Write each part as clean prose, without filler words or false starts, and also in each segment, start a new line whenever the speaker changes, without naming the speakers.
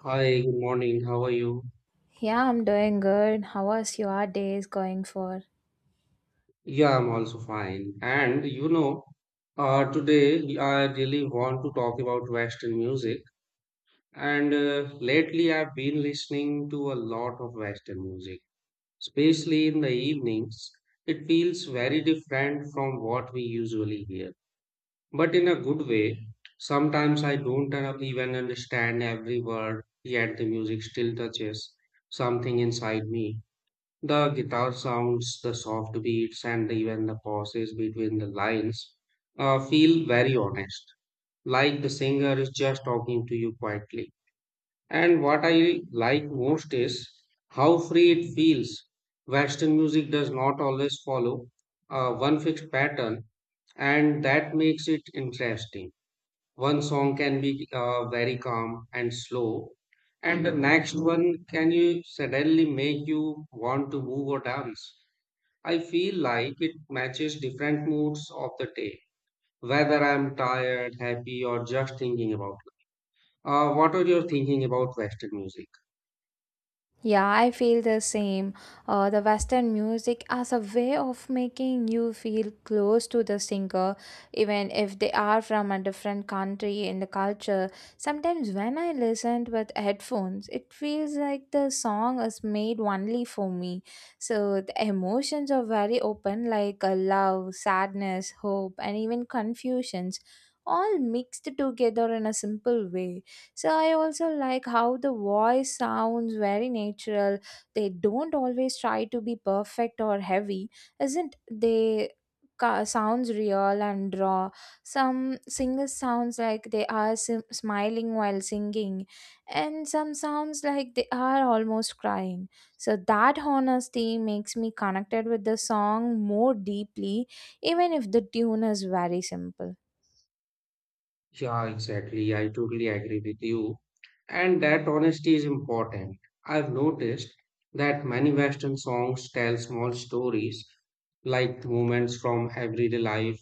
Hi, good morning. How are you?
Yeah, I'm doing good. How was your days going for?
Yeah, I'm also fine. And you know, today I really want to talk about Western music. And lately I've been listening to a lot of Western music, especially in the evenings. It feels very different from what we usually hear, but in a good way. Sometimes I don't even understand every word, yet the music still touches something inside me. The guitar sounds, the soft beats, and even the pauses between the lines feel very honest, like the singer is just talking to you quietly. And what I like most is how free it feels. Western music does not always follow one fixed pattern, and that makes it interesting. One song can be very calm and slow, and the next one can you suddenly make you want to move or dance. I feel like it matches different moods of the day, whether I'm tired, happy, or just thinking about life. What are your thinking about Western music?
Yeah, I feel the same. The Western music as a way of making you feel close to the singer, even if they are from a different country in the culture. Sometimes when I listen with headphones, it feels like the song is made only for me. So the emotions are very open, like love, sadness, hope, and even confusions, all mixed together in a simple way. So I also like how the voice sounds very natural. They don't always try to be perfect or heavy, isn't they? Sounds real and raw. Some singers sounds like they are smiling while singing, and some sounds like they are almost crying. So that honesty makes me connected with the song more deeply, even if the tune is very simple.
Yeah, exactly. I totally agree with you. And that honesty is important. I've noticed that many Western songs tell small stories, like moments from everyday life.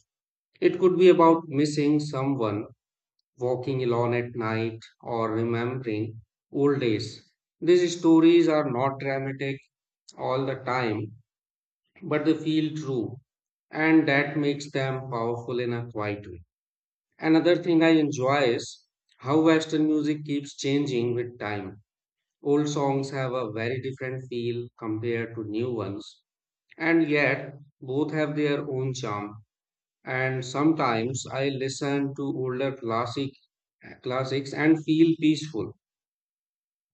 It could be about missing someone walking alone at night, or remembering old days. These stories are not dramatic all the time, but they feel true, and that makes them powerful in a quiet way. Another thing I enjoy is how Western music keeps changing with time. Old songs have a very different feel compared to new ones, and yet both have their own charm, and sometimes I listen to older classics and feel peaceful.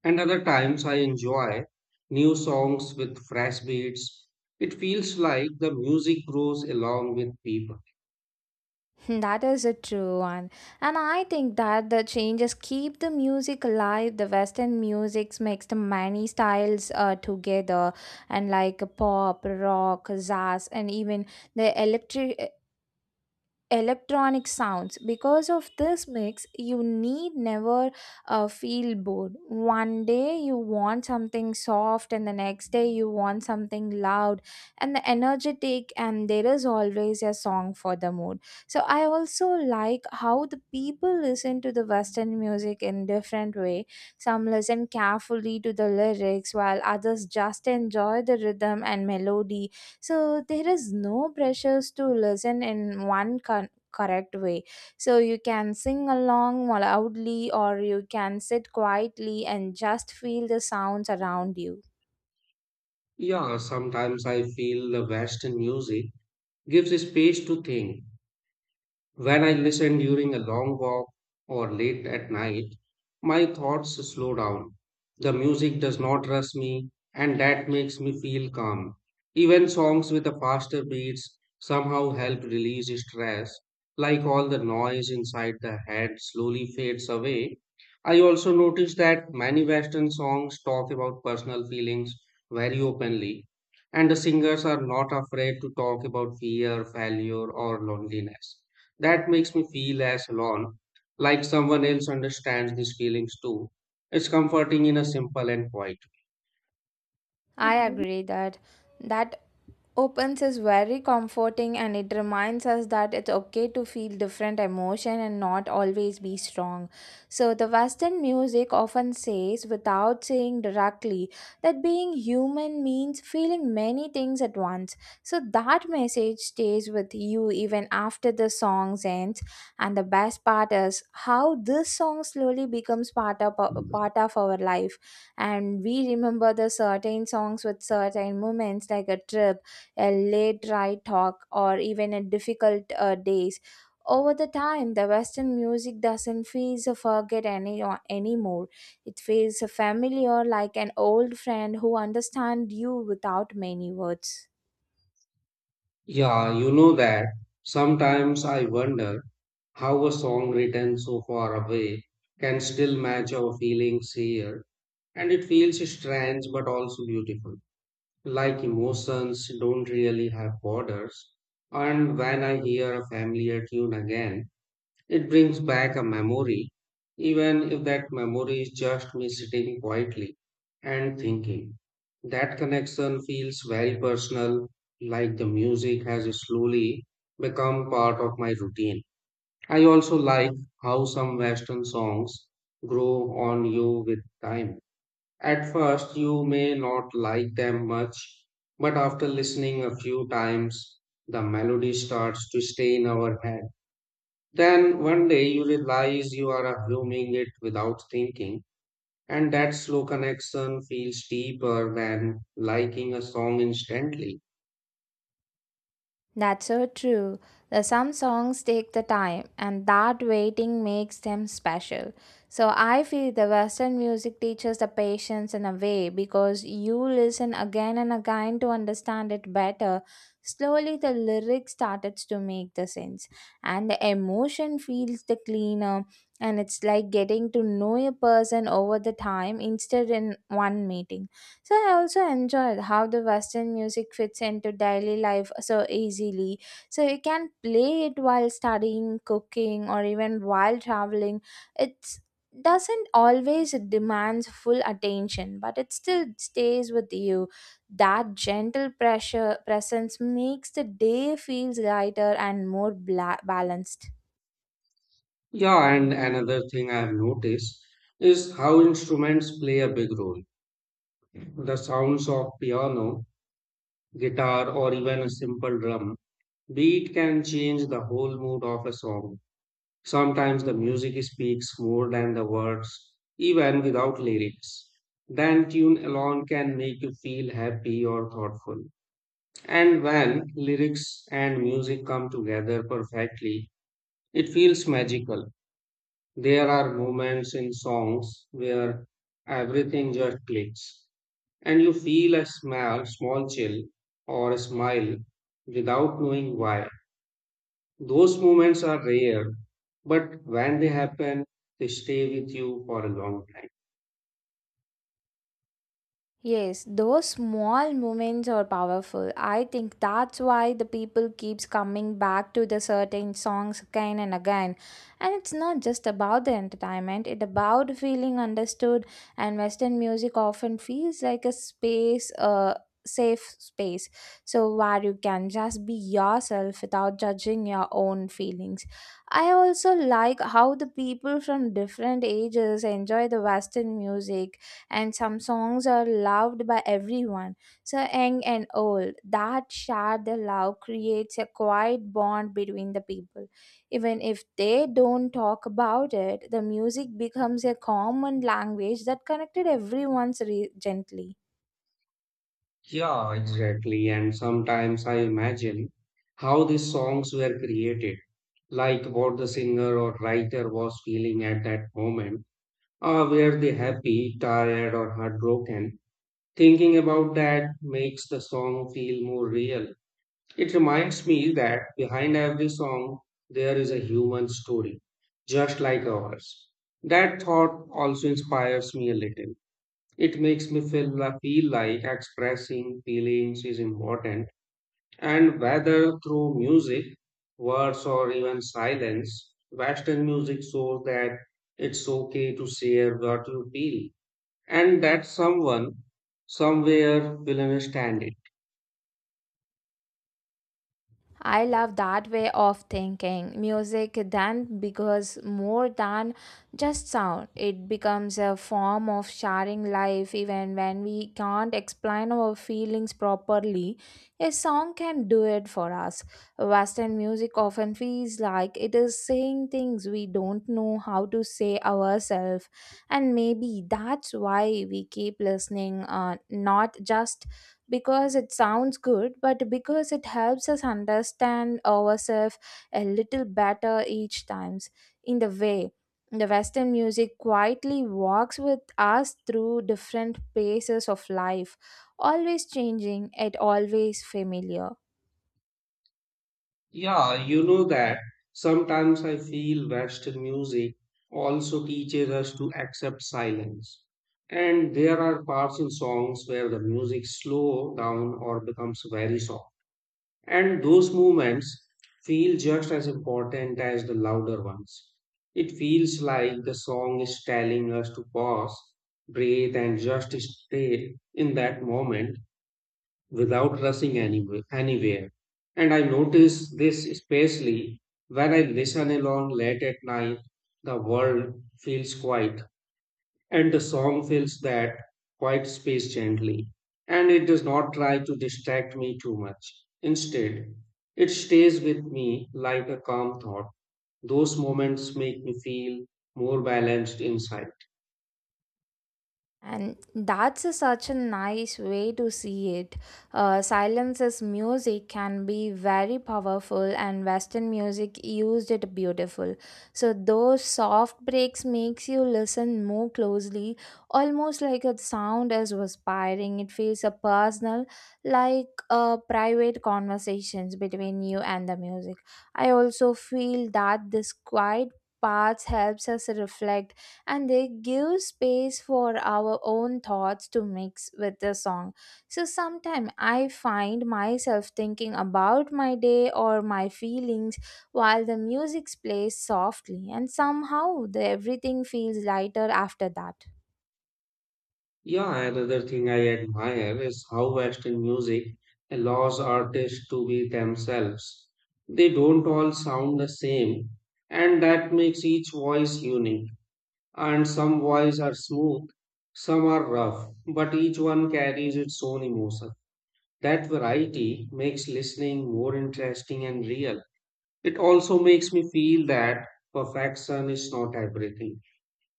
And other times I enjoy new songs with fresh beats. It feels like the music grows along with people.
That is a true one. And I think that the changes keep the music alive. The Western music makes the many styles together, and like pop, rock, jazz, and even the electric electronic sounds. Because of this mix you need never feel bored. One day you want something soft, and the next day you want something loud and the energetic, and there is always a song for the mood. So I also like how the people listen to the Western music in different way. Some listen carefully to the lyrics while others just enjoy the rhythm and melody. So there is no pressures to listen in one correct way. So you can sing along loudly, or you can sit quietly and just feel the sounds around you.
Yeah, sometimes I feel the Western music gives space to think. When I listen during a long walk or late at night, my thoughts slow down. The music does not rush me, and that makes me feel calm. Even songs with a faster beats somehow help release stress, like all the noise inside the head slowly fades away. I also notice that many Western songs talk about personal feelings very openly, and the singers are not afraid to talk about fear, failure, or loneliness that makes me feel as alone, like someone else understands these feelings too. It's comforting in a simple and quiet.
I agree that that opens is very comforting, and it reminds us that it's okay to feel different emotion and not always be strong. So the Western music often says without saying directly that being human means feeling many things at once. So that message stays with you even after the song ends. And the best part is how this song slowly becomes part of our life, and we remember the certain songs with certain moments, like a trip, a late night talk, or even a difficult days. Over the time, the Western music doesn't feel so forget any anymore. It feels familiar, like an old friend who understands you without many words.
Yeah, you know that. Sometimes I wonder how a song written so far away can still match our feelings here, and it feels strange but also beautiful. Like emotions don't really have borders, and when I hear a familiar tune again, it brings back a memory, even if that memory is just me sitting quietly and thinking. That connection feels very personal, like the music has slowly become part of my routine. I also like how some Western songs grow on you with time. At first, you may not like them much, but after listening a few times, the melody starts to stay in our head. Then one day you realize you are assuming it without thinking, and that slow connection feels deeper than liking a song instantly.
That's so true. The some songs take the time, and that waiting makes them special. So I feel the Western music teaches the patience in a way, because you listen again and again to understand it better. Slowly the lyrics started to make the sense, and the emotion feels the cleaner, and it's like getting to know a person over the time instead in one meeting. So I also enjoyed how the Western music fits into daily life so easily. So you can play it while studying, cooking, or even while traveling. It doesn't always demand full attention, but it still stays with you. That gentle pressure presence makes the day feels lighter and more balanced.
Yeah, and another thing I have noticed is how instruments play a big role. The sounds of piano, guitar, or even a simple drum beat can change the whole mood of a song. Sometimes the music speaks more than the words, even without lyrics. Then tune alone can make you feel happy or thoughtful. And when lyrics and music come together perfectly, it feels magical. There are moments in songs where everything just clicks, and you feel a small, small chill or a smile without knowing why. Those moments are rare, but when they happen, they stay with you for a long time.
Yes, those small moments are powerful. I think that's why the people keeps coming back to the certain songs again and again. And it's not just about the entertainment, it's about feeling understood, and Western music often feels like a space, a safe space, so where you can just be yourself without judging your own feelings. I also like how the people from different ages enjoy the Western music, and some songs are loved by everyone, so young and old. That shared the love creates a quiet bond between the people. Even if they don't talk about it, the music becomes a common language that connected everyone's gently.
Yeah, exactly. Exactly. And sometimes I imagine how these songs were created, like what the singer or writer was feeling at that moment. Or were they happy, tired, or heartbroken? Thinking about that makes the song feel more real. It reminds me that behind every song, there is a human story, just like ours. That thought also inspires me a little. It makes me feel like expressing feelings is important, and whether through music, words, or even silence, Western music shows that it's okay to share what you feel, and that someone somewhere will understand it.
I love that way of thinking. Music then becomes more than just sound. It becomes a form of sharing life even when we can't explain our feelings properly. A song can do it for us. Western music often feels like it is saying things we don't know how to say ourselves. And maybe that's why we keep listening, not just because it sounds good, but because it helps us understand ourselves a little better each times. In the way, the Western music quietly walks with us through different paces of life, always changing yet always familiar.
Yeah, you know that sometimes I feel Western music also teaches us to accept silence. And there are parts in songs where the music slows down or becomes very soft. And those moments feel just as important as the louder ones. It feels like the song is telling us to pause, breathe, and just stay in that moment without rushing anywhere. And I notice this especially when I listen alone late at night. The world feels quiet, and the song fills that quiet space gently. And it does not try to distract me too much. Instead, it stays with me like a calm thought. Those moments make me feel more balanced inside.
And that's a, such a nice way to see it. Silence as music can be very powerful, and Western music used it beautiful. So those soft breaks makes you listen more closely, almost like a sound is whispering. It feels a personal, like a private conversations between you and the music. I also feel that this quiet parts helps us reflect, and they give space for our own thoughts to mix with the song. So sometimes I find myself thinking about my day or my feelings while the music plays softly, and somehow the everything feels lighter after that.
Yeah, another thing I admire is how Western music allows artists to be themselves. They don't all sound the same, and that makes each voice unique. And some voices are smooth, some are rough, but each one carries its own emotion. That variety makes listening more interesting and real. It also makes me feel that perfection is not everything.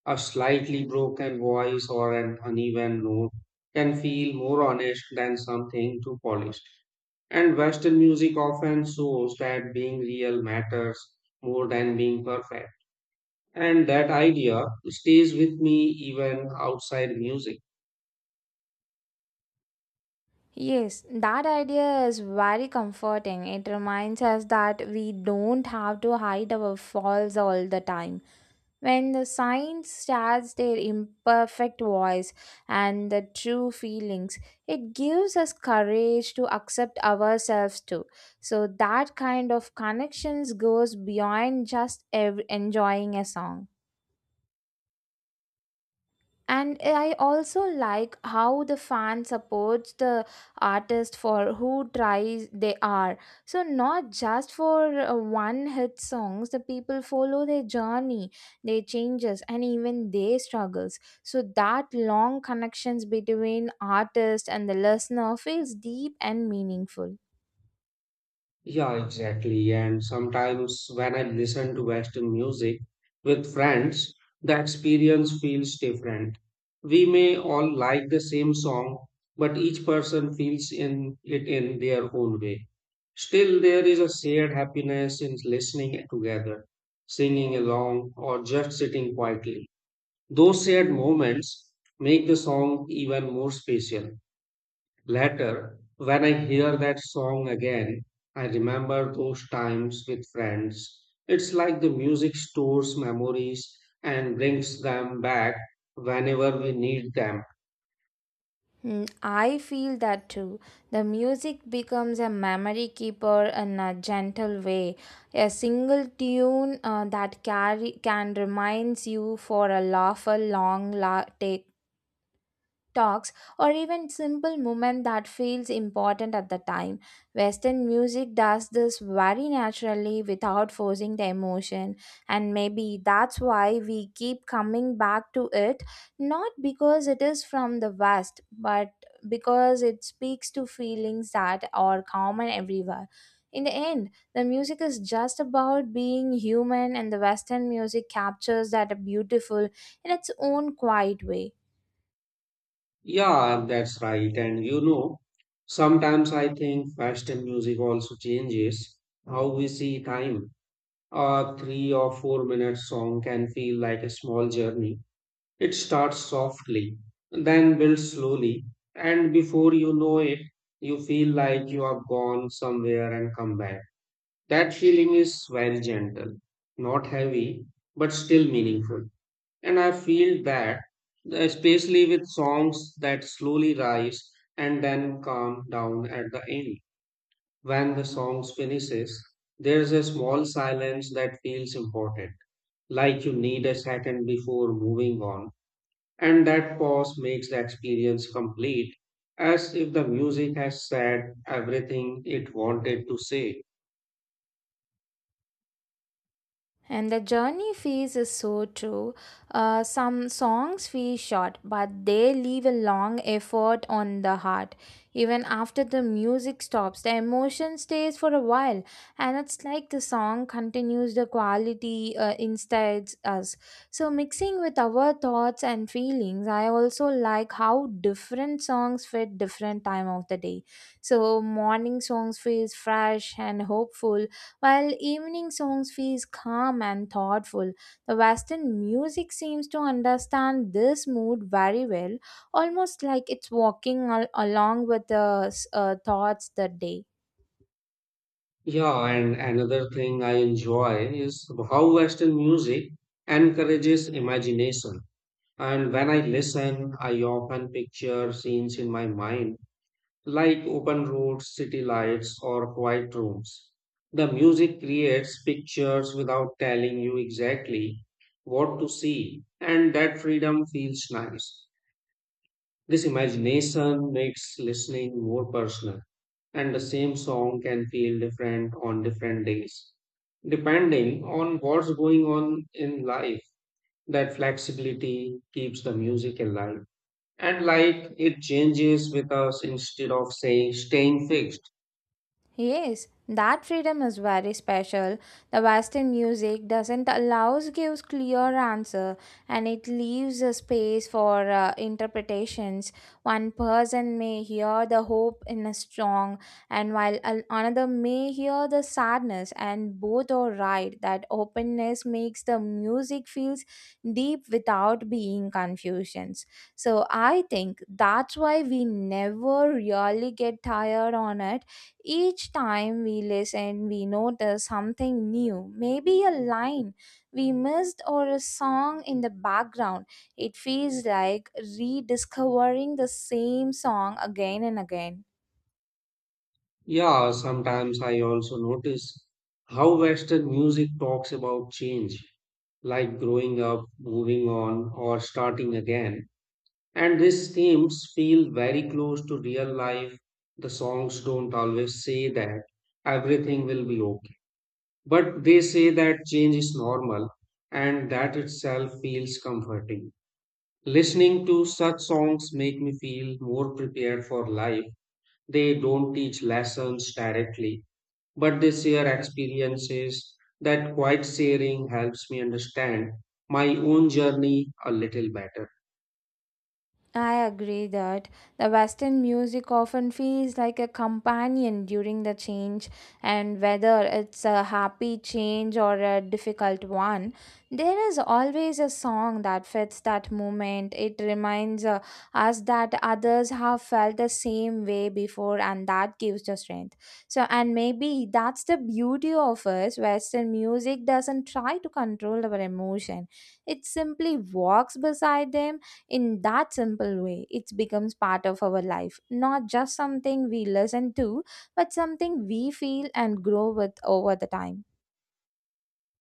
A slightly broken voice or an uneven note can feel more honest than something too polished. And Western music often shows that being real matters more than being perfect. And that idea stays with me even outside music.
Yes, that idea is very comforting. It reminds us that we don't have to hide our faults all the time. When the signs starts their imperfect voice and the true feelings, it gives us courage to accept ourselves too. So that kind of connections goes beyond just enjoying a song. And I also like how the fan supports the artist for who tries they are. So not just for one hit songs, the people follow their journey, their changes, and even their struggles. So that long connections between artist and the listener feels deep and meaningful.
Yeah, exactly. And sometimes when I listen to Western music with friends, the experience feels different. We may all like the same song, but each person feels in it in their own way. Still, there is a shared happiness in listening together, singing along, or just sitting quietly. Those shared moments make the song even more special. Later, when I hear that song again, I remember those times with friends. It's like the music stores memories and brings them back whenever we need them.
Hmm, I feel that too. The music becomes a memory keeper in a gentle way. A single tune that carry can reminds you for a laugh, a long take, talks, or even simple movement that feels important at the time. Western music does this very naturally without forcing the emotion, and maybe that's why we keep coming back to it, not because it is from the west, but because it speaks to feelings that are common everywhere. In the end, the music is just about being human, and the Western music captures that beautiful in its own quiet way.
Yeah, that's right. And you know, sometimes I think Western music also changes how we see time. A 3 or 4 minute song can feel like a small journey. It starts softly, then builds slowly, and before you know it, you feel like you have gone somewhere and come back. That feeling is very gentle, not heavy, but still meaningful. And I feel that, especially with songs that slowly rise and then calm down at the end. When the song finishes, there's a small silence that feels important, like you need a second before moving on, and that pause makes the experience complete, as if the music has said everything it wanted to say.
And the journey feels is so true. Some songs feel short, but they leave a long effort on the heart. Even after the music stops, the emotion stays for a while, and it's like the song continues the quality inside us. So, mixing with our thoughts and feelings, I also like how different songs fit different time of the day. So, morning songs feel fresh and hopeful while evening songs feel calm and thoughtful. The Western music seems to understand this mood very well, almost like it's walking along with the thoughts the day.
Yeah, and another thing I enjoy is how Western music encourages imagination. And when I listen, I often picture scenes in my mind like open roads, city lights, or quiet rooms. The music creates pictures without telling you exactly what to see, and that freedom feels nice. This imagination makes listening more personal, and the same song can feel different on different days. Depending on what's going on in life, that flexibility keeps the music alive. And like it changes with us instead of saying staying fixed.
Yes, that freedom is very special. The Western music doesn't allows gives clear answer, and it leaves a space for interpretations. One person may hear the hope in a song, and while another may hear the sadness, and both are right. That openness makes the music feels deep without being confusions. So I think that's why we never really get tired on it. Each time we listen, we notice something new, maybe a line we missed or a song in the background. It feels like rediscovering the same song again and again.
Yeah, sometimes I also notice how Western music talks about change, like growing up, moving on, or starting again. And these themes feel very close to real life. The songs don't always say that everything will be okay, but they say that change is normal, and that itself feels comforting. Listening to such songs make me feel more prepared for life. They don't teach lessons directly but this year experiences that quiet sharing helps me understand my own journey a little better.
I agree that the Western music often feels like a companion during the change, and whether it's a happy change or a difficult one, there is always a song that fits that moment. It reminds us that others have felt the same way before, and that gives the strength. So, and maybe that's the beauty of us. Western music doesn't try to control our emotion, it simply walks beside them. In that simple way it becomes part of our life, not just something we listen to, but something we feel and grow with over the time.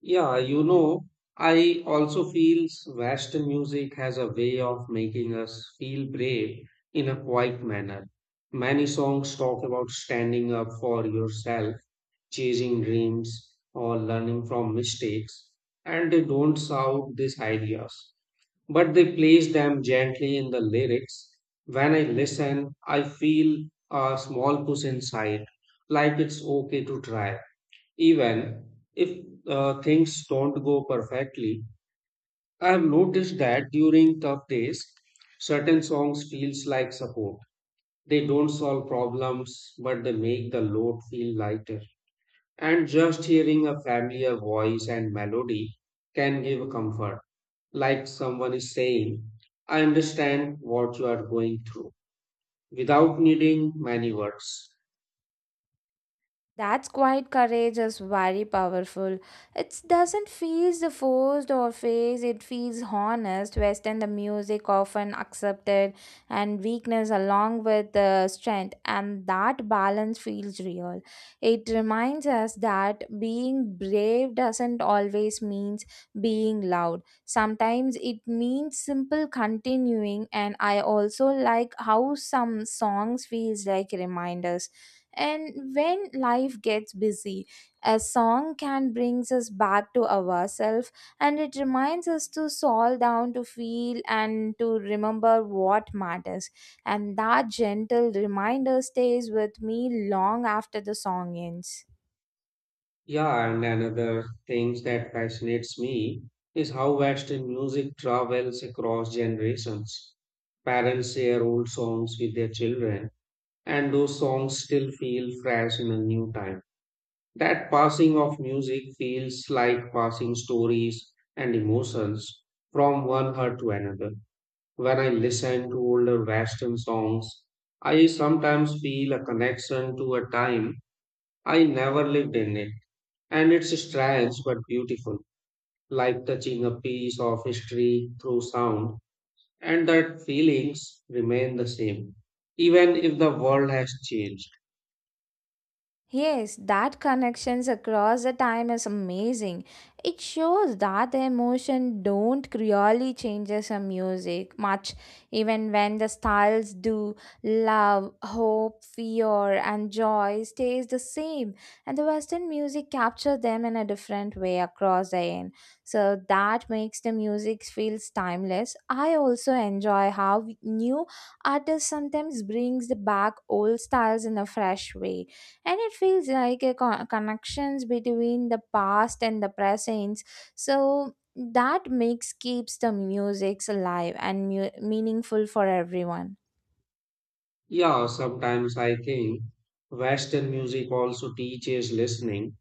Yeah, you know, I also feel Western music has a way of making us feel brave in a quiet manner. Many songs talk about standing up for yourself, chasing dreams, or learning from mistakes, and they don't shout these ideas, but they place them gently in the lyrics. When I listen, I feel a small push inside, like it's okay to try. Even if things don't go perfectly, I have noticed that during tough days, certain songs feels like support. They don't solve problems, but they make the load feel lighter. And just hearing a familiar voice and melody can give comfort, like someone is saying, I understand what you are going through without needing many words.
That's quiet courage is very powerful. It doesn't feel the forced or phase, it feels honest. Western the music often accepted and weakness along with the strength, and that balance feels real. It reminds us that being brave doesn't always means being loud. Sometimes it means simple continuing. And I also like how some songs feels like reminders, and when life gets busy, a song can brings us back to ourselves, and it reminds us to slow down, to feel, and to remember what matters. And that gentle reminder stays with me long after the song ends.
Yeah, and another thing that fascinates me is how Western music travels across generations. Parents share old songs with their children, and those songs still feel fresh in a new time. That passing of music feels like passing stories and emotions from one heart to another. When I listen to older Western songs, I sometimes feel a connection to a time I never lived in it. And it's strange but beautiful, like touching a piece of history through sound. And that feelings remain the same, even if the world has changed.
Yes, that connections across the time is amazing. It shows that the emotion don't really changes a music much, even when the styles do. Love, hope, fear, and joy stays the same, and the Western music capture them in a different way across the end. So that makes the music feels timeless. I also enjoy how new artists sometimes brings the back old styles in a fresh way, and it feels like a connections between the past and the present. So that makes keeps the music alive and meaningful for everyone.
Yeah, sometimes I think Western music also teaches listening,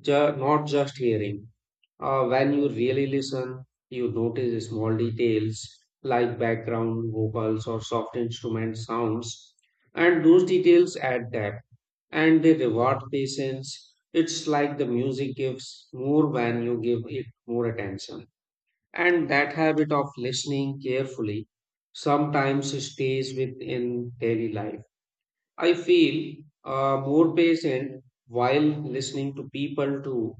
Not just hearing. When you really listen, you notice small details like background vocals or soft instrument sounds, and those details add depth and they reward patience. It's like the music gives more when you give it more attention. And that habit of listening carefully sometimes stays within daily life. I feel more patient while listening to people too.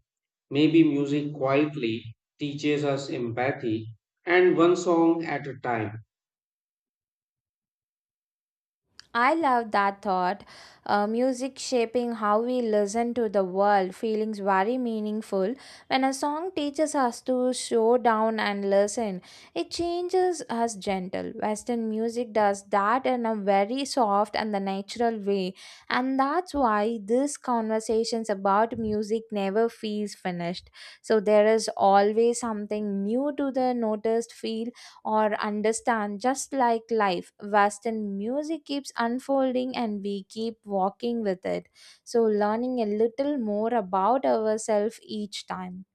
Maybe music quietly teaches us empathy and one song at a time.
I love that thought. Music shaping how we listen to the world feelings very meaningful. When a song teaches us to slow down and listen, it changes us gentle. Western music does that in a very soft and the natural way, and that's why these conversations about music never feels finished. So there is always something new to the noticed feel or understand. Just like life, Western music keeps unfolding, and we keep walking with it, so learning a little more about ourselves each time.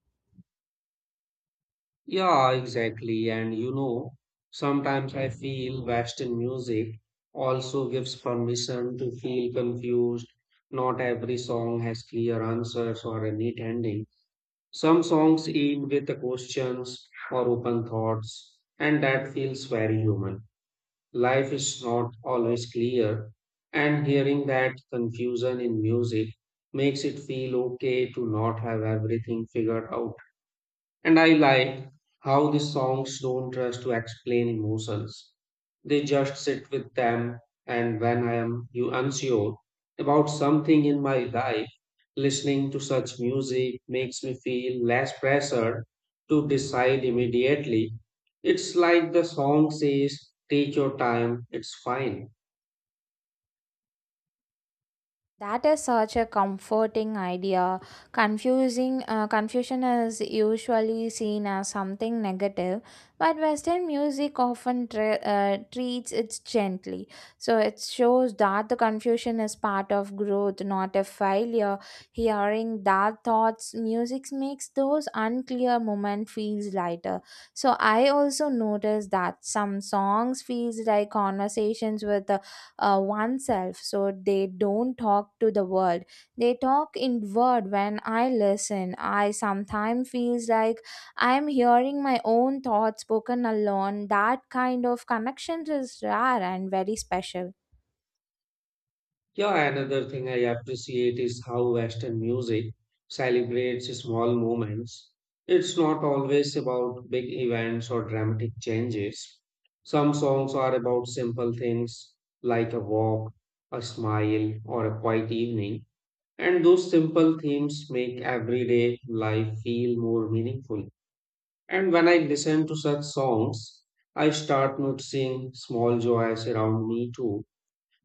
Yeah, exactly. And you know, sometimes I feel Western music also gives permission to feel confused. Not every song has clear answers or a neat ending. Some songs end with the questions or open thoughts, and that feels very human. Life is not always clear, and hearing that confusion in music makes it feel okay to not have everything figured out. And I like how the songs don't rush to explain emotions. They just sit with them, and when I am you unsure about something in my life, listening to such music makes me feel less pressure to decide immediately. It's like the song says, take your time, it's fine.
That is such a comforting idea. Confusing Confusion is usually seen as something negative, but Western music often treats it gently. So it shows that the confusion is part of growth, not a failure. Hearing that thoughts, music makes those unclear moments feels lighter. So I also noticed that some songs feels like conversations with the oneself. So they don't talk to the world, they talk inward. When I listen, I sometimes feels like I am hearing my own thoughts spoken alone. That kind of connection is rare and very special.
Yeah, another thing I appreciate is how Western music celebrates small moments. It's not always about big events or dramatic changes. Some songs are about simple things like a walk, a smile, or a quiet evening. And those simple themes make everyday life feel more meaningful. And when I listen to such songs, I start noticing small joys around me too,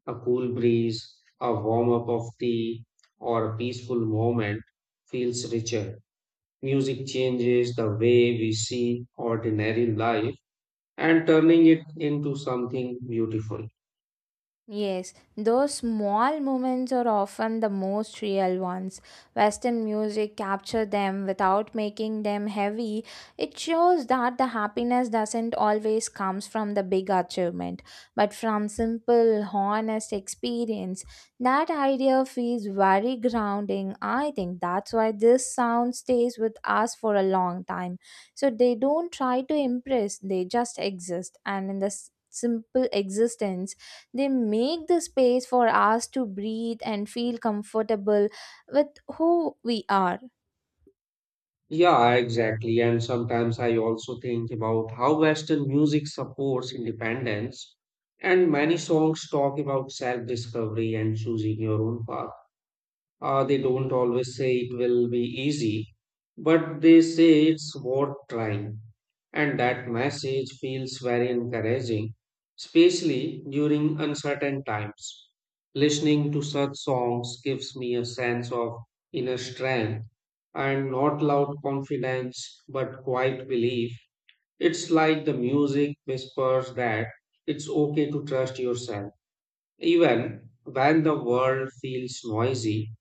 a cool breeze, a warm up of tea, or a peaceful moment feels richer. Music changes the way we see ordinary life and turning it into something beautiful.
Yes, those small moments are often the most real ones. Western music capture them without making them heavy. It shows that the happiness doesn't always comes from the big achievement, but from simple, honest experience. That idea feels very grounding. I think that's why this sound stays with us for a long time. So they don't try to impress, they just exist. And in the simple existence, they make the space for us to breathe and feel comfortable with who we are.
Yeah, exactly. And sometimes I also think about how Western music supports independence. And many songs talk about self discovery and choosing your own path. They don't always say it will be easy, but they say it's worth trying. And that message feels very encouraging, especially during uncertain times. Listening to such songs gives me a sense of inner strength, and not loud confidence, but quiet belief. It's like the music whispers that it's okay to trust yourself, even when the world feels noisy.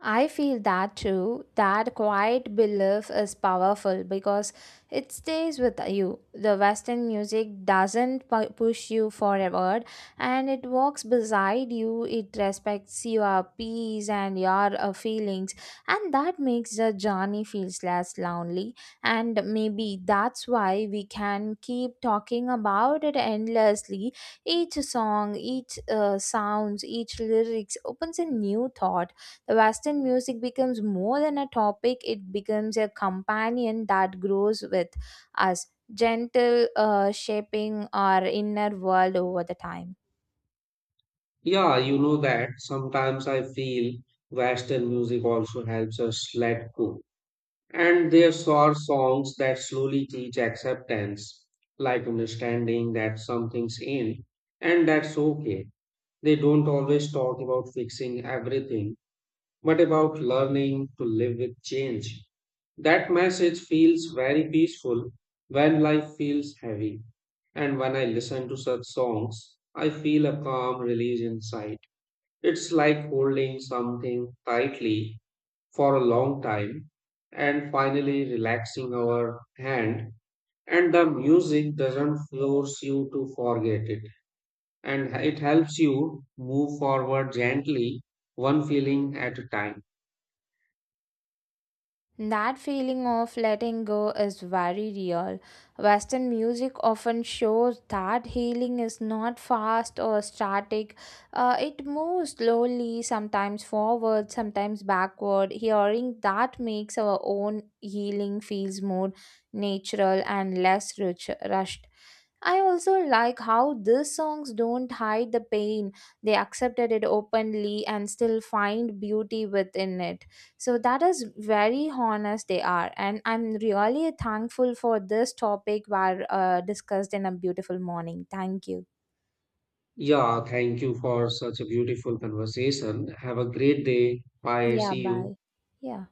I feel that too. That quiet belief is powerful because it stays with you. The Western music doesn't push you forward, and it walks beside you. It respects your peace and your feelings, and that makes the journey feels less lonely. And maybe that's why we can keep talking about it endlessly. Each song, each sounds, each lyrics opens a new thought. The Western music becomes more than a topic, it becomes a companion that grows with us, gentle, shaping our inner world over the time.
Yeah, you know that sometimes I feel Western music also helps us let go. And there are songs that slowly teach acceptance, like understanding that something's in, and that's okay. They don't always talk about fixing everything, but about learning to live with change. That message feels very peaceful when life feels heavy. And when I listen to such songs, I feel a calm release inside. It's like holding something tightly for a long time and finally relaxing our hand, and the music doesn't force you to forget it, and it helps you move forward gently, one feeling at a time.
That feeling of letting go is very real. Western music often shows that healing is not fast or static. It moves slowly, sometimes forward, sometimes backward. Hearing that makes our own healing feels more natural and less rushed. I also like how these songs don't hide the pain. They accepted it openly and still find beauty within it. So that is very honest they are, and I'm really thankful for this topic were discussed in a beautiful morning. Thank you.
Yeah, thank you for such a beautiful conversation. Have a great day. Bye.
Yeah,
See you.
bye. Yeah.